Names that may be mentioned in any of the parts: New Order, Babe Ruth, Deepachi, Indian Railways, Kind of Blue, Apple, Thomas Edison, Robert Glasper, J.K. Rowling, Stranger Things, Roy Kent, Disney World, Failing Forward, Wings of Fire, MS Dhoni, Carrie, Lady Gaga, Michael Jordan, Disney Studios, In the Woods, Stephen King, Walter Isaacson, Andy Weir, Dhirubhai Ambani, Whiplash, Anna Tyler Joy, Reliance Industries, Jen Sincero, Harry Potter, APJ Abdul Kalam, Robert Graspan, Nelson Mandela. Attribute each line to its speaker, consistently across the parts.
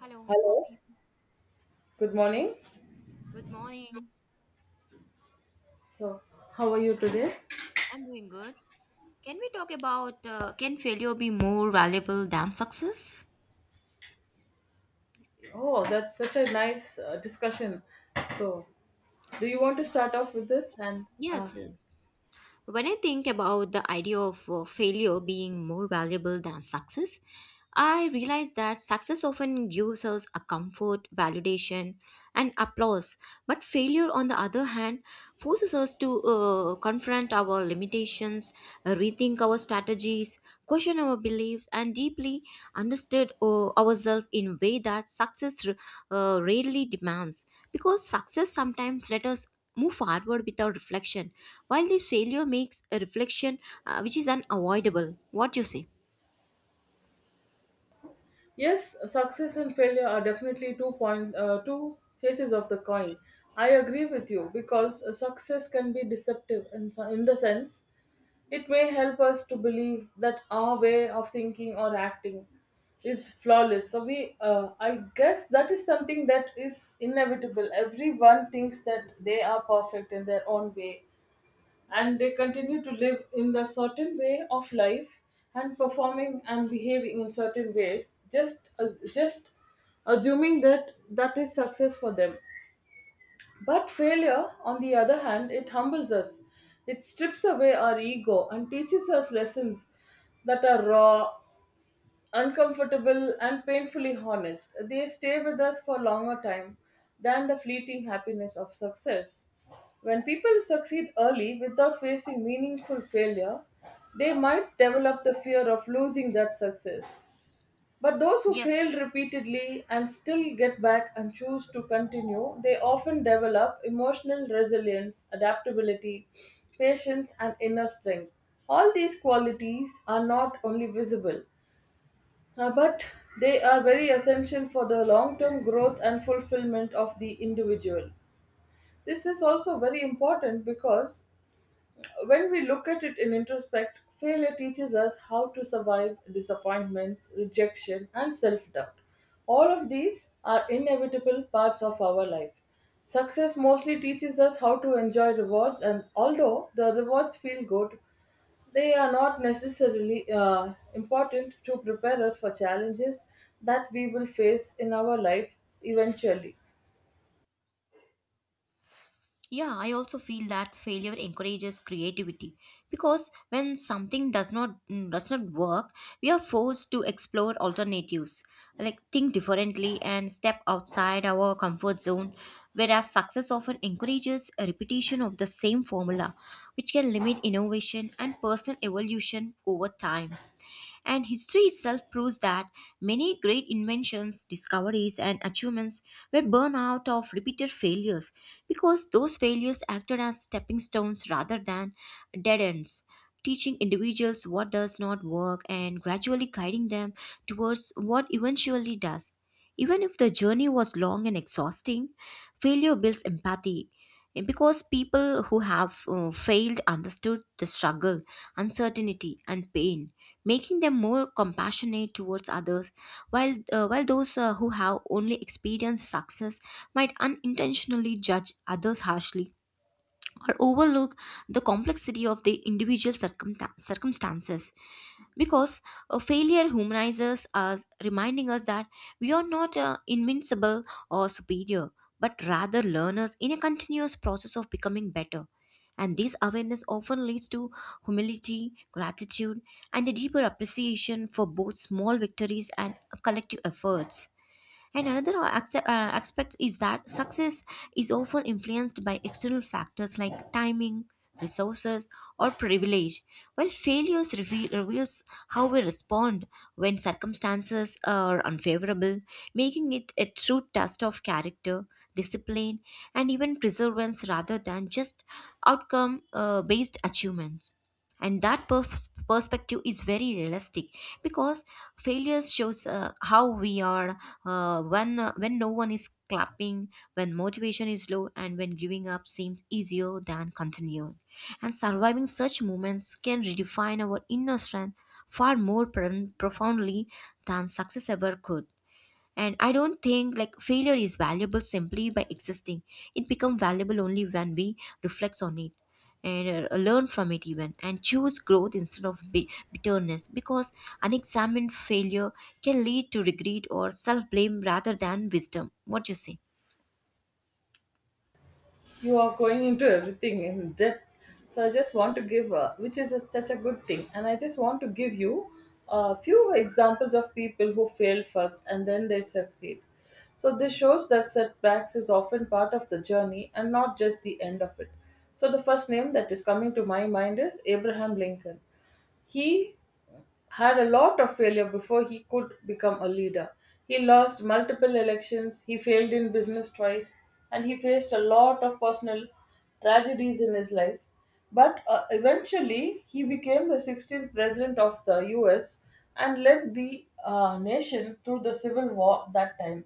Speaker 1: Hello, how are
Speaker 2: Hello,
Speaker 1: you?
Speaker 2: good morning.
Speaker 1: Good morning.
Speaker 2: So, how are you today?
Speaker 1: I'm doing good. Can we talk about can failure be more valuable than success?
Speaker 2: Oh, that's such a nice discussion. So, do you want to start off with this? And uh,
Speaker 1: Yes. When I think about the idea of failure being more valuable than success, I realize that success often gives us a comfort, validation, and applause. But failure, on the other hand, forces us to confront our limitations, rethink our strategies, question our beliefs, and deeply understand ourselves in a way that rarely demands. Because success sometimes let us move forward without reflection while this failure makes a reflection which is unavoidable. What you say?
Speaker 2: yes, success and failure are definitely two faces of the coin. I agree with you because success can be deceptive in the sense. It may help us to believe that our way of thinking or acting is flawless. So I guess, that is something that is inevitable. Everyone thinks that they are perfect in their own way, and they continue to live in the certain way of life and performing and behaving in certain ways. Just, as just assuming that that is success for them, but failure, on the other hand, it humbles us. It strips away our ego and teaches us lessons that are raw, uncomfortable, and painfully honest. They stay with us for longer time than the fleeting happiness of success. When people succeed early without facing meaningful failure, they might develop the fear of losing that success. But those who
Speaker 1: Yes.
Speaker 2: fail repeatedly and still get back and choose to continue, they often develop emotional resilience, adaptability, patience, and inner strength. All these qualities are not only visible, but they are very essential for the long term growth and fulfillment of the individual. This is also very important because when we look at it in introspect, failure teaches us how to survive disappointments, rejection, and self doubt. All of these are inevitable parts of our life. Success mostly teaches us how to enjoy rewards, and although the rewards feel good, they are not necessarily important to prepare us for challenges that we will face in our life eventually.
Speaker 1: Yeah, I also feel that failure encourages creativity because when something does not work, we are forced to explore alternatives, like think differently and step outside our comfort zone, whereas success often encourages a repetition of the same formula, which can limit innovation and personal evolution over time. And history itself proves that many great inventions, discoveries, and achievements were born out of repeated failures because those failures acted as stepping stones rather than dead ends, teaching individuals what does not work and gradually guiding them towards what eventually does. Even if the journey was long and exhausting, failure builds empathy, and because people who have failed understood the struggle, uncertainty, and pain, making them more compassionate towards others, while while those who have only experienced success might unintentionally judge others harshly or overlook the complexity of the individual circumstances, because a failure humanizes us, reminding us that we are not invincible or superior, but rather learners in a continuous process of becoming better. And this awareness often leads to humility, gratitude, and a deeper appreciation for both small victories and collective efforts. And another aspect is that success is often influenced by external factors like timing, resources, or privilege, while reveals how we respond when circumstances are unfavorable, making it a true test of character, discipline, and even perseverance rather than just outcome based achievements. And that perspective is very realistic because failures shows how we are when no one is clapping, when motivation is low, and when giving up seems easier than continuing. And surviving such moments can redefine our inner strength far more profoundly than success ever could. And I don't think like failure is valuable simply by existing. It becomes valuable only when we reflect on it and learn from it even, and choose growth instead of bitterness, because unexamined failure can lead to regret or self-blame rather than wisdom. What you say?
Speaker 2: You are going into everything in depth, so I just want to give such a good thing, and I just want to give you a few examples of people who failed first and then they succeed. So this shows that setbacks is often part of the journey and not just the end of it. So the first name that is coming to my mind is Abraham Lincoln. He had a lot of failure before he could become a leader. He lost multiple elections, he failed in business twice, and he faced a lot of personal tragedies in his life. But eventually, he became the 16th president of the US and led the nation through the civil war that time.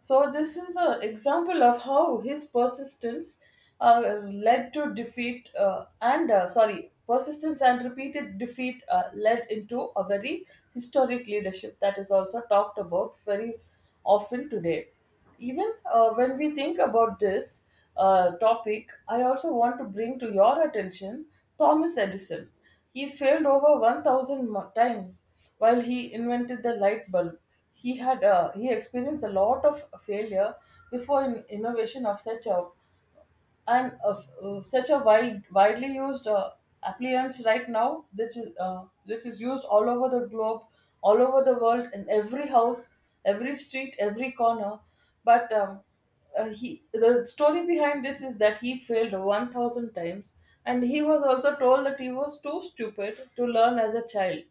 Speaker 2: So this is an example of how his persistence led to defeat and sorry persistence and repeated defeat led into a very historic leadership that is also talked about very often today. Even when we think about this topic, I also want to bring to your attention Thomas Edison. He failed over times while he invented the light bulb. He experienced a lot of failure before innovation of such a and of such a widely used appliance right now, which is used all over the globe, all over the world, in every house, every street, every corner. But the story behind this is that he failed 1,000 times, and he was also told that he was too stupid to learn as a child.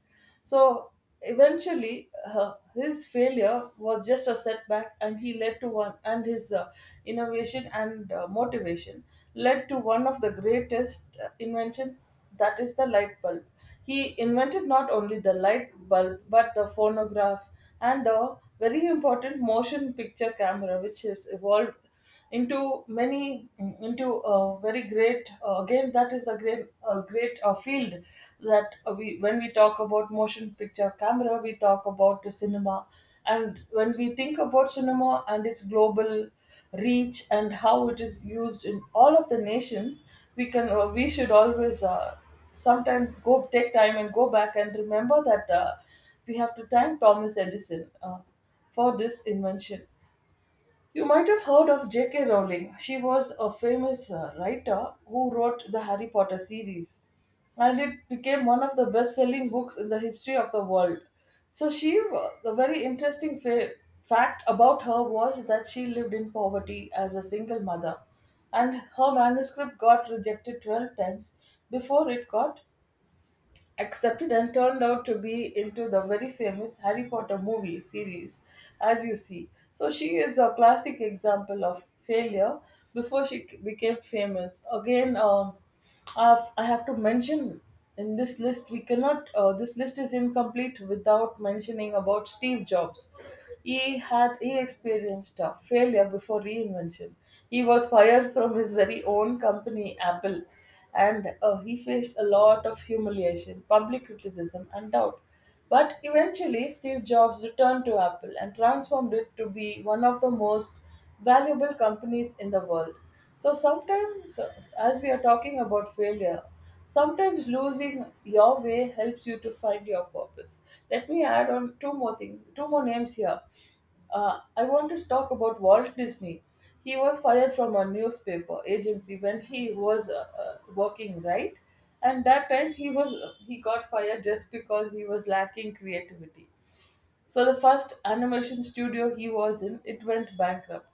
Speaker 2: So eventually, his failure was just a setback, and he led to one, and his innovation and motivation led to one of the greatest inventions, that is the light bulb. He invented not only the light bulb but the phonograph and the very important motion picture camera, which has evolved into a very great again that is a great field. That we When we talk about motion picture camera, we talk about the cinema, and when we think about cinema and its global reach and how it is used in all of the nations, we should always sometimes go take time and go back and remember that we have to thank Thomas Edison for this invention. You might have heard of J.K. Rowling. She was a famous writer who wrote the Harry Potter series, and it became one of the best-selling books in the history of the world. So the very interesting fact about her was that she lived in poverty as a single mother, and her manuscript got rejected 12 times before it got accepted and turned out to be into the very famous Harry Potter movie series, as you see. So she is a classic example of failure before she became famous. Again, I have to mention in this list we cannot. This list is incomplete without mentioning about Steve Jobs. He experienced a failure before reinvention. He was fired from his very own company, Apple, and he faced a lot of humiliation, public criticism, and doubt. But eventually, Steve Jobs returned to Apple and transformed it to be one of the most valuable companies in the world. So sometimes, as we are talking about failure, sometimes losing your way helps you to find your purpose. Let me add on two more things, two more names here. I want to talk about Walt Disney. He was fired from a newspaper agency when he was working, right? And that time he got fired just because he was lacking creativity. So the first animation studio he was in, it went bankrupt.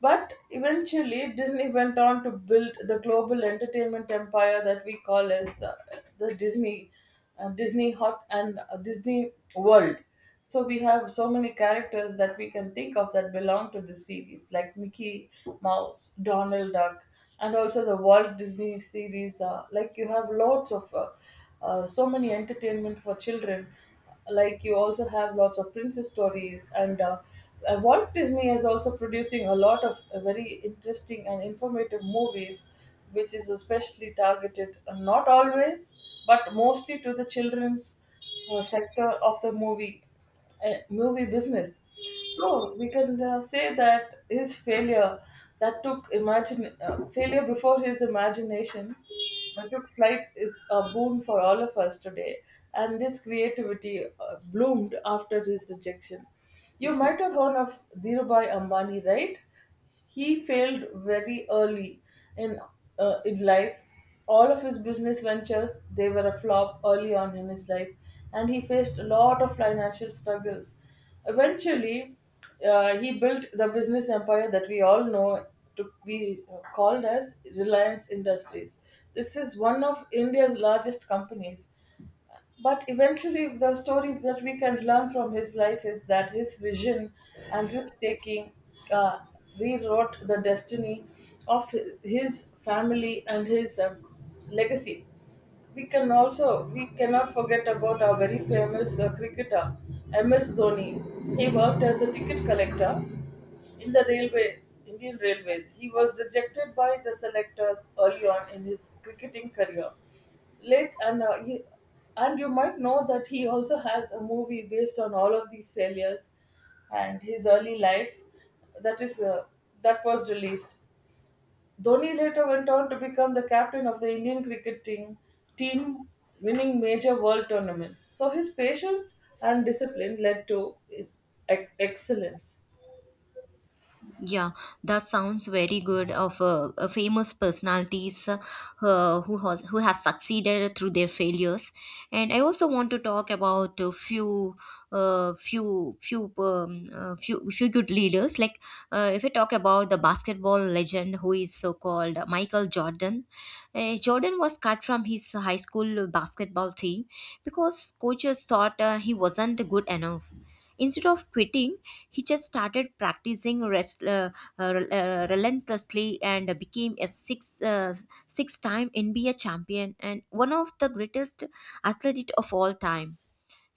Speaker 2: But eventually, Disney went on to build the global entertainment empire that we call as the Disney, Disney Hot and Disney World. So we have so many characters that we can think of that belong to this series, like Mickey Mouse, Donald Duck, and also the Walt Disney series. Like you have lots of so many entertainment for children, like you also have lots of princess stories, and Walt Disney is also producing a lot of very interesting and informative movies, which is especially targeted not always but mostly to the children's sector of the movie movie business. So we can say that his failure that took imagine failure before his imagination, but flight is a boon for all of us today, and this creativity bloomed after his rejection. You might have heard of Dhirubhai Ambani, right? He failed very early in in life. All of his business ventures, they were a flop early on in his life, and he faced a lot of financial struggles. Eventually, he built the business empire that we all know to be called as Reliance Industries. This is one of India's largest companies. But eventually, the story that we can learn from his life is that his vision and risk taking uh, rewrote the destiny of his family and his legacy. We cannot forget about our very famous cricketer MS Dhoni. He worked as a ticket collector in the railways, Indian Railways. He was rejected by the selectors early on in his cricketing career. Late and uh, he, and you might know that he also has a movie based on all of these failures and his early life, that is that was released. Dhoni later went on to become the captain of the Indian cricket team, winning major world tournaments. So his patience and discipline led to excellence.
Speaker 1: Yeah, that sounds very good. Of famous personalities who has succeeded through their failures, and I also want to talk about a few, few, few, few, few good leaders. Like if I talk about the basketball legend who is so called Michael Jordan, Jordan was cut from his high school basketball team because coaches thought he wasn't good enough. Instead of quitting, he just started relentlessly and became a six time NBA champion and one of the greatest athlete of all time.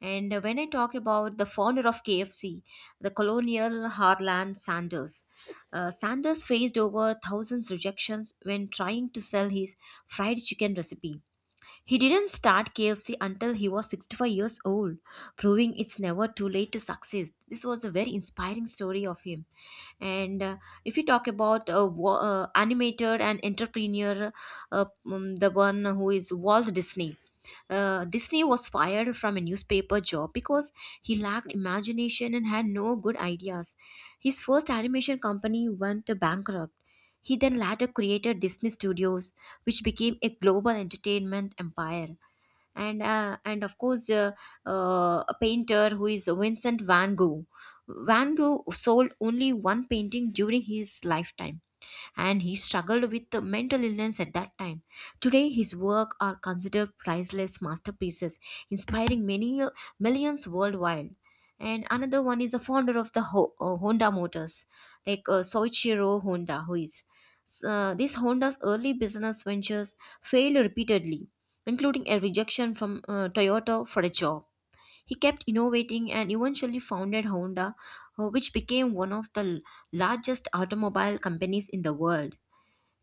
Speaker 1: And when I talk about the founder of KFC, the colonial Harlan Sanders, Sanders faced over thousands rejections when trying to sell his fried chicken recipe. He didn't start KFC until he was 65 years old, proving it's never too late to succeed. This was a very inspiring story of him. And if you talk about animator and entrepreneur, the one who is Walt Disney. Disney was fired from a newspaper job because he lacked imagination and had no good ideas. His first animation company went bankrupt. He then later created Disney Studios, which became a global entertainment empire. And of course, a painter who is Vincent Van Gogh. Van Gogh sold only one painting during his lifetime, and he struggled with the mental illness at that time. Today, his work are considered priceless masterpieces, inspiring many millions worldwide. And another one is the founder of the Honda Motors, like Soichiro Honda, who is. This Honda's early business ventures failed repeatedly, including a rejection from Toyota for a job. He kept innovating and eventually founded Honda, which became one of the largest automobile companies in the world.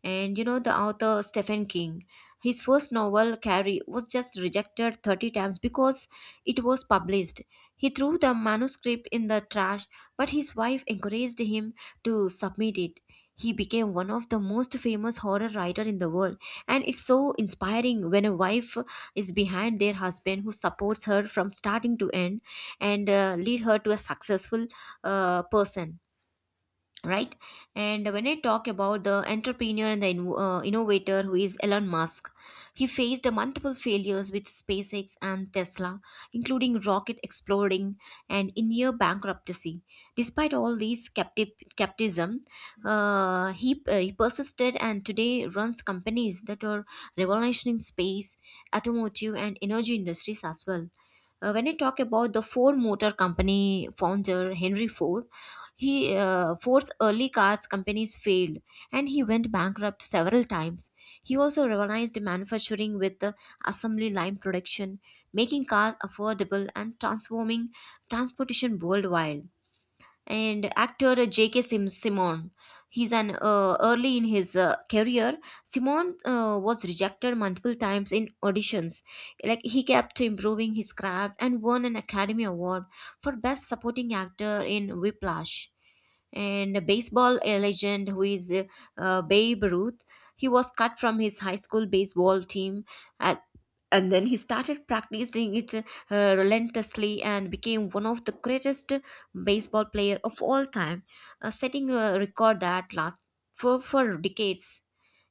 Speaker 1: And you know the author Stephen King. His first novel, Carrie, was just rejected 30 times because it was published. He threw the manuscript in the trash, but his wife encouraged him to submit it. He became one of the most famous horror writer in the world, and it's so inspiring when a wife is behind their husband who supports her from starting to end and lead her to a successful person, right? And when I talk about the entrepreneur and the innovator who is Elon Musk, he faced multiple failures with SpaceX and Tesla, including rocket exploding and in-year bankruptcy. Despite all these captivism, he persisted, and today runs companies that are revolutionizing space, automotive, and energy industries as well. When I talk about the Ford Motor Company founder Henry Ford, he Ford's early cars companies failed, and he went bankrupt several times. He also reorganized manufacturing with the assembly line production, making cars affordable and transforming transportation worldwide. And actor J.K. Simon. He's an early in his career. Simon was rejected multiple times in auditions. Like, he kept improving his craft and won an Academy Award for Best Supporting Actor in Whiplash. And a baseball legend who is Babe Ruth. He was cut from his high school baseball team, uh, and then he started practicing it relentlessly and became one of the greatest baseball player of all time, setting a record that lasts for decades.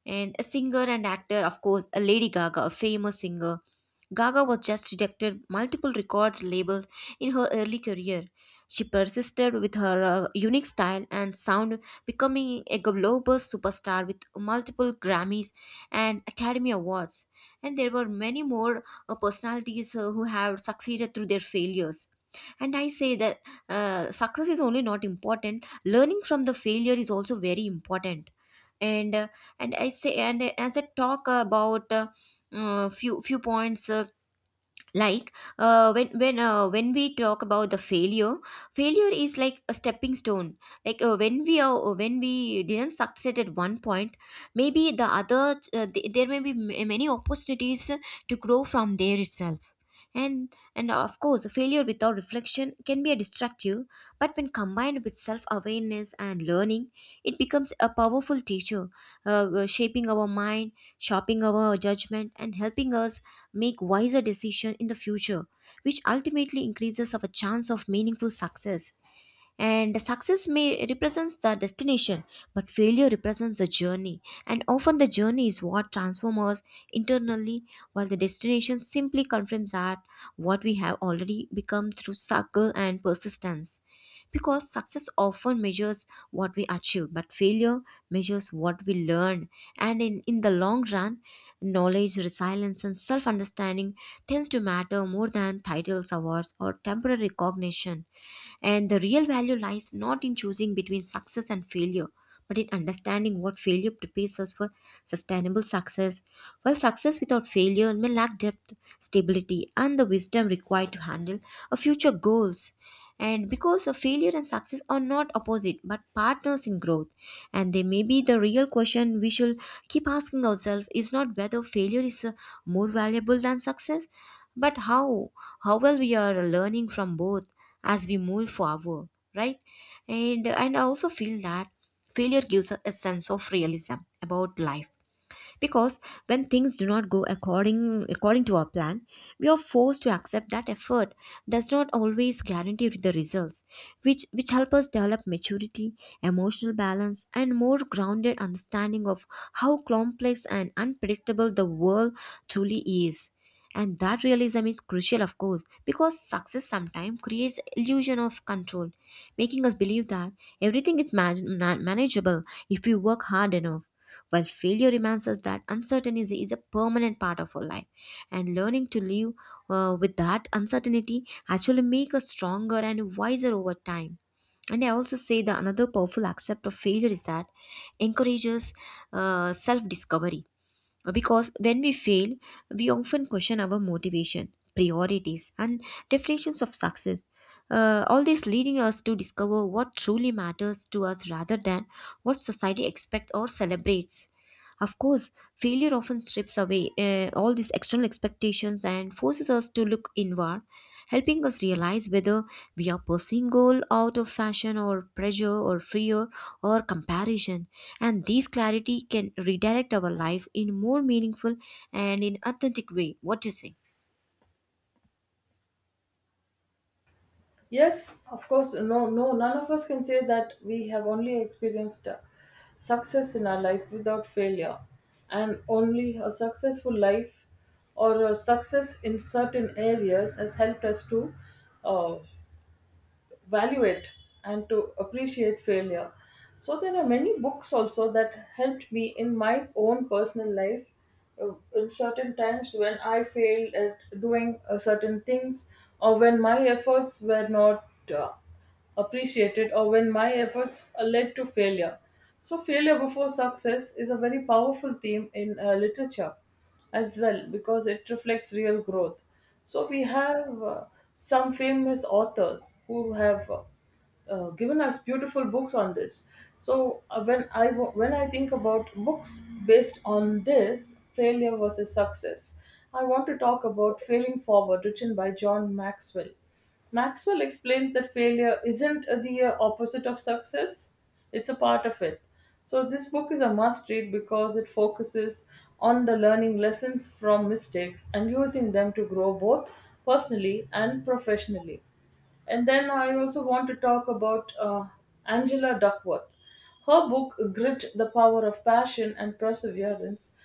Speaker 1: And a singer and actor, of course, a Lady Gaga, a famous singer, Gaga was just rejected multiple record labels in her early career. She persisted with her unique style and sound, becoming a global superstar with multiple Grammys and Academy Awards. And there were many more personalities who have succeeded through their failures. And I say that success is only not important, learning from the failure is also very important. And uh, and I say, and as I talk about few few points, like when we talk about the failure, failure is like a stepping stone. Like when we didn't succeed at one point, maybe the other there may be many opportunities to grow from there itself. And of course, failure without reflection can be a destructive, but when combined with self-awareness and learning, it becomes a powerful teacher, shaping our mind, sharpening our judgment, and helping us make wiser decisions in the future, which ultimately increases our chance of meaningful success. And success may represents the destination, but failure represents the journey. And often the journey is what transforms us internally, while the destination simply confirms that what we have already become through struggle and persistence. Because success often measures what we achieve, but failure measures what we learn. And in the long run, knowledge, resilience, and self understanding tends to matter more than titles, awards, or temporary recognition. And the real value lies not in choosing between success and failure but in understanding what failure prepares us for sustainable success. While success without failure may lack depth, stability, and the wisdom required to handle our future goals. And because a failure and success are not opposite but partners in growth, and they may be the real question we should keep asking ourselves is not whether failure is more valuable than success, but how well we are learning from both as we move forward, right? And I also feel that. Failure gives us a sense of realism about life because when things do not go according to our plan, we are forced to accept that effort does not always guarantee the results, which help us develop maturity, emotional balance, and more grounded understanding of how complex and unpredictable the world truly is. And that realism is crucial, of course, because success sometimes creates illusion of control, making us believe that everything is manageable if we work hard enough, while failure reminds us that uncertainty is a permanent part of our life, and learning to live with that uncertainty actually make us stronger and wiser over time. And I also say that another powerful aspect of failure is that encourages self-discovery. Because when we fail, we often question our motivation, priorities, and definitions of success. All this leading us to discover what truly matters to us rather than what society expects or celebrates. Of course, failure often strips away all these external expectations and forces us to look inward, helping us realize whether we are pursuing goal out of fashion or pressure or fear or comparison. And this clarity can redirect our lives in more meaningful and in authentic way. What do you say?
Speaker 2: Yes, of course, none of us can say that we have only experienced success in our life without failure, and only a successful life or a success in certain areas has helped us to uh, value it and to appreciate failure. So there are many books also that helped me in my own personal life in certain times when I failed at doing certain things, or when my efforts were not uh, appreciated, or when my efforts led to failure. So failure before success is a very powerful theme in literature as well because it reflects real growth. So we have some famous authors who have given us beautiful books on this. So when I think about books based on this failure versus success, I want to talk about Failing Forward, written by John Maxwell. Maxwell explains that failure isn't the opposite of success, it's a part of it. So, this book is a must read because it focuses on the learning lessons from mistakes and using them to grow both personally and professionally. And then I also want to talk about Angela Duckworth. Her book, Grit, The Power of Passion and Perseverance,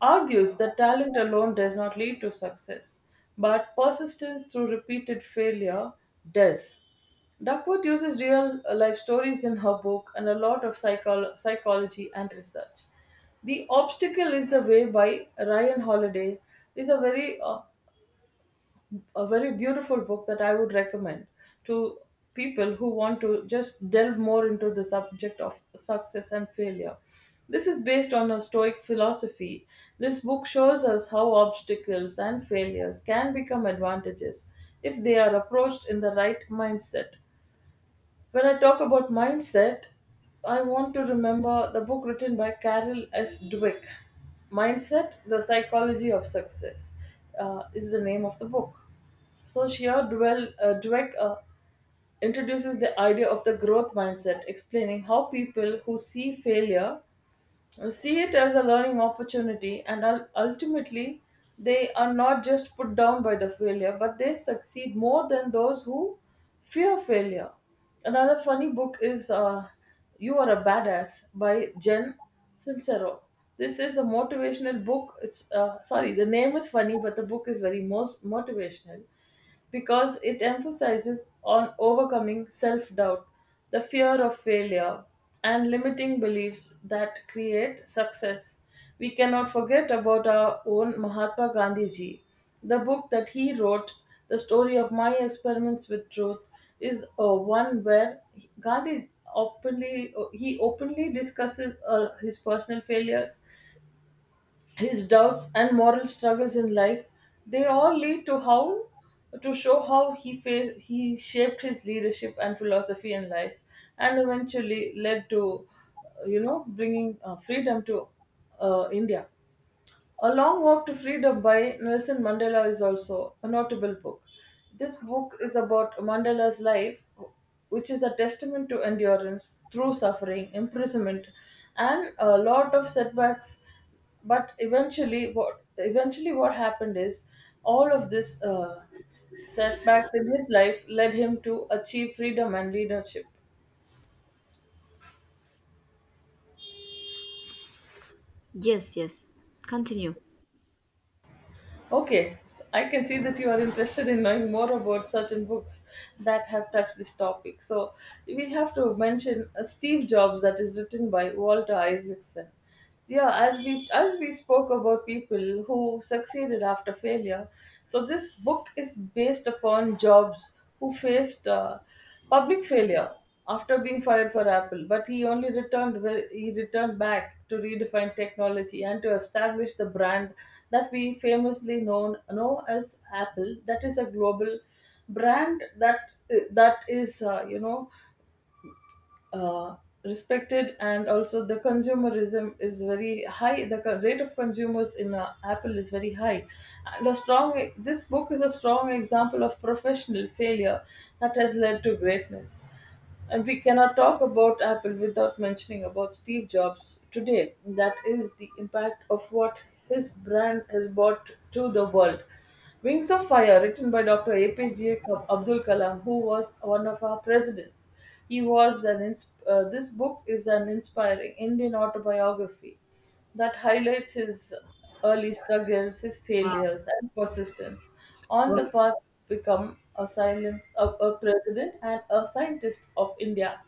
Speaker 2: argues that talent alone does not lead to success, but persistence through repeated failure does. Duckworth uses real life stories in her book and a lot of psychology and research. The Obstacle is the Way by Ryan Holiday is a very beautiful book that I would recommend to people who want to just delve more into the subject of success and failure. This is based on a Stoic philosophy. This book shows us how obstacles and failures can become advantages if they are approached in the right mindset. When I talk about mindset, I want to remember the book written by Carol S. Dweck. Mindset, The Psychology of Success is the name of the book. So, here Dweck introduces the idea of the growth mindset, explaining how people who see failure see it as a learning opportunity and ultimately they are not just put down by the failure but they succeed more than those who fear failure. Another funny book is You are a Badass by Jen Sincero. This is a motivational book. It's sorry, the name is funny, but the book is very most motivational because it emphasizes on overcoming self-doubt, the fear of failure, and limiting beliefs that create success. We cannot forget about our own Mahatma Gandhi ji. The book that he wrote, The Story of My Experiments with Truth, is one where Gandhi openly discusses his personal failures, his doubts and moral struggles in life. They all lead to how to show how he shaped his leadership and philosophy in life and eventually led to, bringing freedom to India. A Long Walk to Freedom by Nelson Mandela is also a notable book. This book is about Mandela's life, which is a testament to endurance through suffering, imprisonment, and a lot of setbacks. But eventually what happened is all of this setbacks in his life led him to achieve freedom and leadership.
Speaker 1: Yes, yes. Continue.
Speaker 2: Okay, so I can see that you are interested in knowing more about certain books that have touched this topic. So we have to mention Steve Jobs that is written by Walter Isaacson. Yeah, as we spoke about people who succeeded after failure, so this book is based upon Jobs who faced public failure after being fired for Apple, but he only he returned back to redefine technology and to establish the brand that we famously know as Apple. That is a global brand that is, uh, respected, and also the consumerism is very high, the rate of consumers in Apple is very high. And a strong this book is a strong example of professional failure that has led to greatness. And we cannot talk about Apple without mentioning about Steve Jobs today. That is the impact of what his brand has brought to the world. Wings of Fire, written by Dr. APJ Abdul Kalam, who was one of our presidents. He was an ins- This book is an inspiring Indian autobiography that highlights his early struggles, his
Speaker 1: Wow.
Speaker 2: failures, and persistence on the
Speaker 1: Well,
Speaker 2: path to become a president and a scientist of India.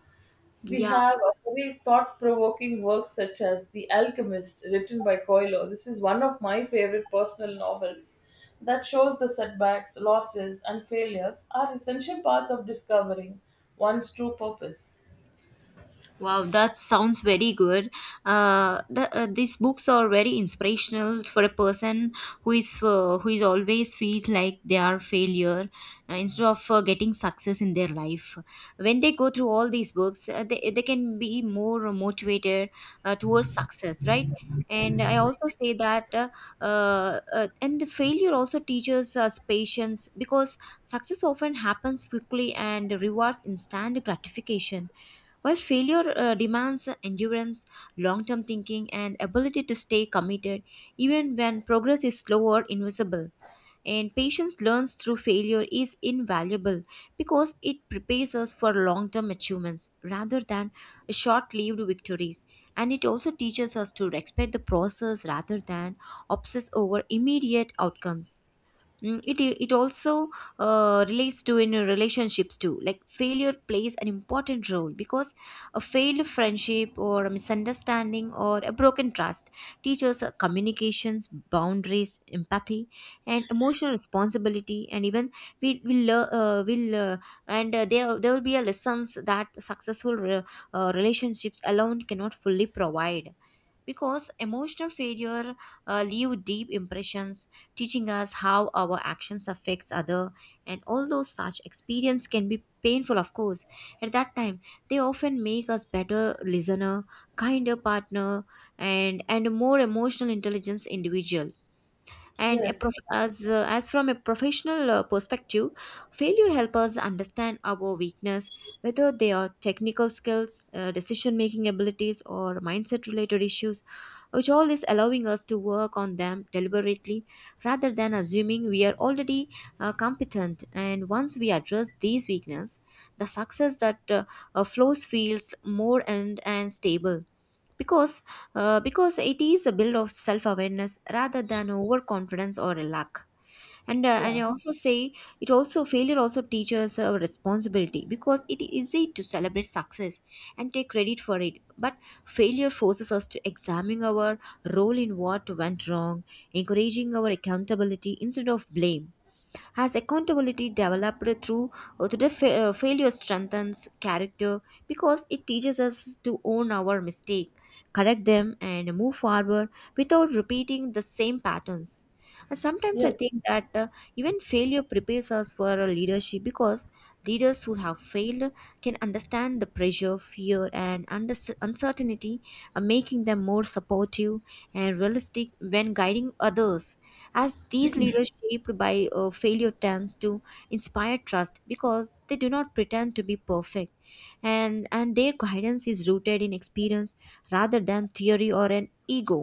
Speaker 2: We
Speaker 1: yeah.
Speaker 2: have a very thought-provoking work such as *The Alchemist*, written by Coelho. This is one of my favorite personal novels that shows the setbacks, losses, and failures are essential parts of discovering one's true purpose.
Speaker 1: Wow, that sounds very good. These books are very inspirational for a person who is always feels like they are failure instead of getting success in their life. When they go through all these books, they can be more motivated towards success, right? And I also say that, and the failure also teaches us patience because success often happens quickly and rewards instant gratification while failure demands endurance, long term thinking, and ability to stay committed, even when progress is slow or invisible. And patience learned through failure is invaluable because it prepares us for long term achievements rather than short lived victories. And it also teaches us to respect the process rather than obsess over immediate outcomes. It also relates to in your relationships too like failure plays an important role because a failed friendship or a misunderstanding or a broken trust teaches communications boundaries empathy and emotional responsibility and even we will lear- will and there will be a lessons that relationships alone cannot fully provide because emotional failure leave deep impressions teaching us how our actions affects other and although such experience can be painful of course at that time they often make us better listener kinder partner and a more emotional intelligence individual and a
Speaker 2: Yes,
Speaker 1: prof- as from a professional perspective failure help us understand our weakness whether they are technical skills decision making abilities or mindset related issues which all is allowing us to work on them deliberately rather than assuming we are already competent and once we address these weakness the success that flows feels more and stable because because it is a build of self-awareness rather than overconfidence or a lack and I
Speaker 2: yeah,
Speaker 1: also say it also failure also teaches responsibility because it is easy to celebrate success and take credit for it but failure forces us to examine our role in what went wrong encouraging our accountability instead of blame has accountability developed through failure strengthens character because it teaches us to own our mistake, correct them, and move forward without repeating the same patterns. And sometimes I
Speaker 2: yes.
Speaker 1: think that even failure prepares us for leadership because leaders who have failed can understand the pressure, fear, and uncertainty, making them more supportive and realistic when guiding others as these leaders shaped by failure tends to inspire trust because they do not pretend to be perfect and their guidance is rooted in experience rather than theory or an ego.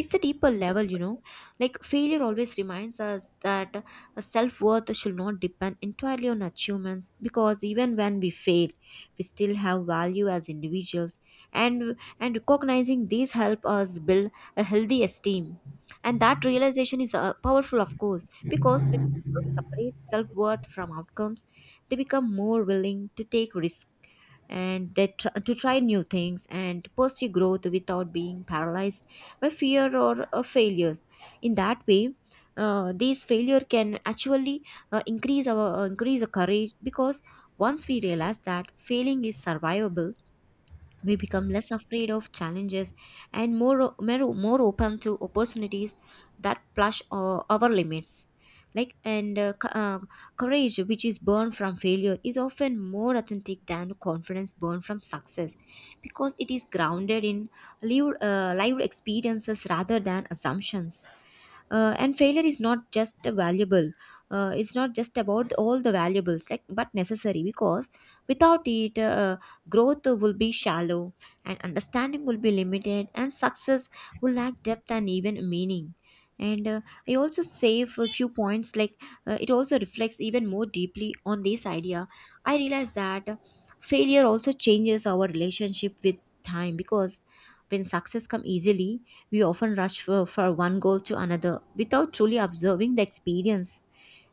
Speaker 1: It's a deeper level, you know, like failure always reminds us that self-worth should not depend entirely on achievements because even when we fail we still have value as individuals and recognizing these help us build a healthy esteem. And that realization is powerful, of course, because when people separate self worth from outcomes, they become more willing to take risks and to try new things and to pursue growth without being paralyzed by fear or failures. In that way, these failure can actually increase our courage because once we realize that failing is survivable we become less afraid of challenges and more open to opportunities that plush our limits like and courage which is born from failure is often more authentic than confidence born from success because it is grounded in lived experiences rather than assumptions. Uh, and failure is not just a valuable, it's not just about all the valuables like but necessary because without it growth will be shallow and understanding will be limited and success will lack depth and even meaning. And I also save a few points like, it also reflects even more deeply on this idea. I realize that failure also changes our relationship with time because when success comes easily we often rush for one goal to another without truly observing the experience.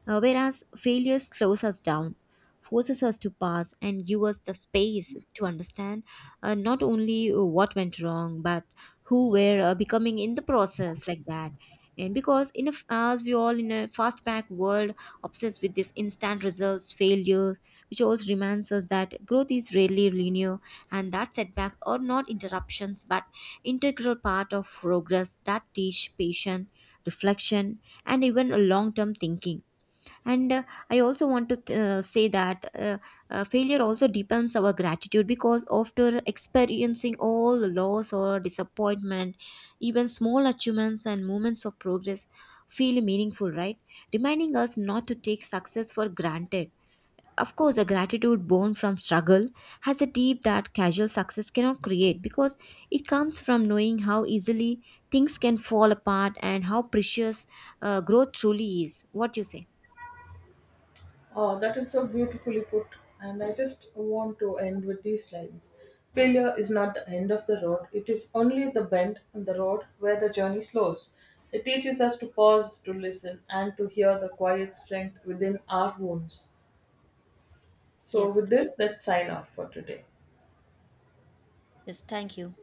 Speaker 1: Whereas failure slows us down, forces us to pause, and give us the space to understand not only what went wrong, but who were becoming in the process like that. And because in as we all in a fast-paced world obsessed with this instant results, failure, which also reminds us that growth is rarely linear, and that setbacks are not interruptions but integral part of progress that teach patience, reflection, and even a long-term thinking. And I also want to say that failure also deepens our gratitude because after experiencing all the loss or disappointment even small achievements and moments of progress feel meaningful, right, reminding us not to take success for granted. Of course, a gratitude born from struggle has a deep that casual success cannot create because it comes from knowing how easily things can fall apart and how precious growth truly is. What do you say?
Speaker 2: Oh, that is so beautifully put. And I just want to end with these lines. Failure is not the end of the road, it is only the bend on the road where the journey slows. It teaches us to pause, to listen, and to hear the quiet strength within our wounds. So,
Speaker 1: Yes.
Speaker 2: with this, let's sign off for today.
Speaker 1: Yes, thank you.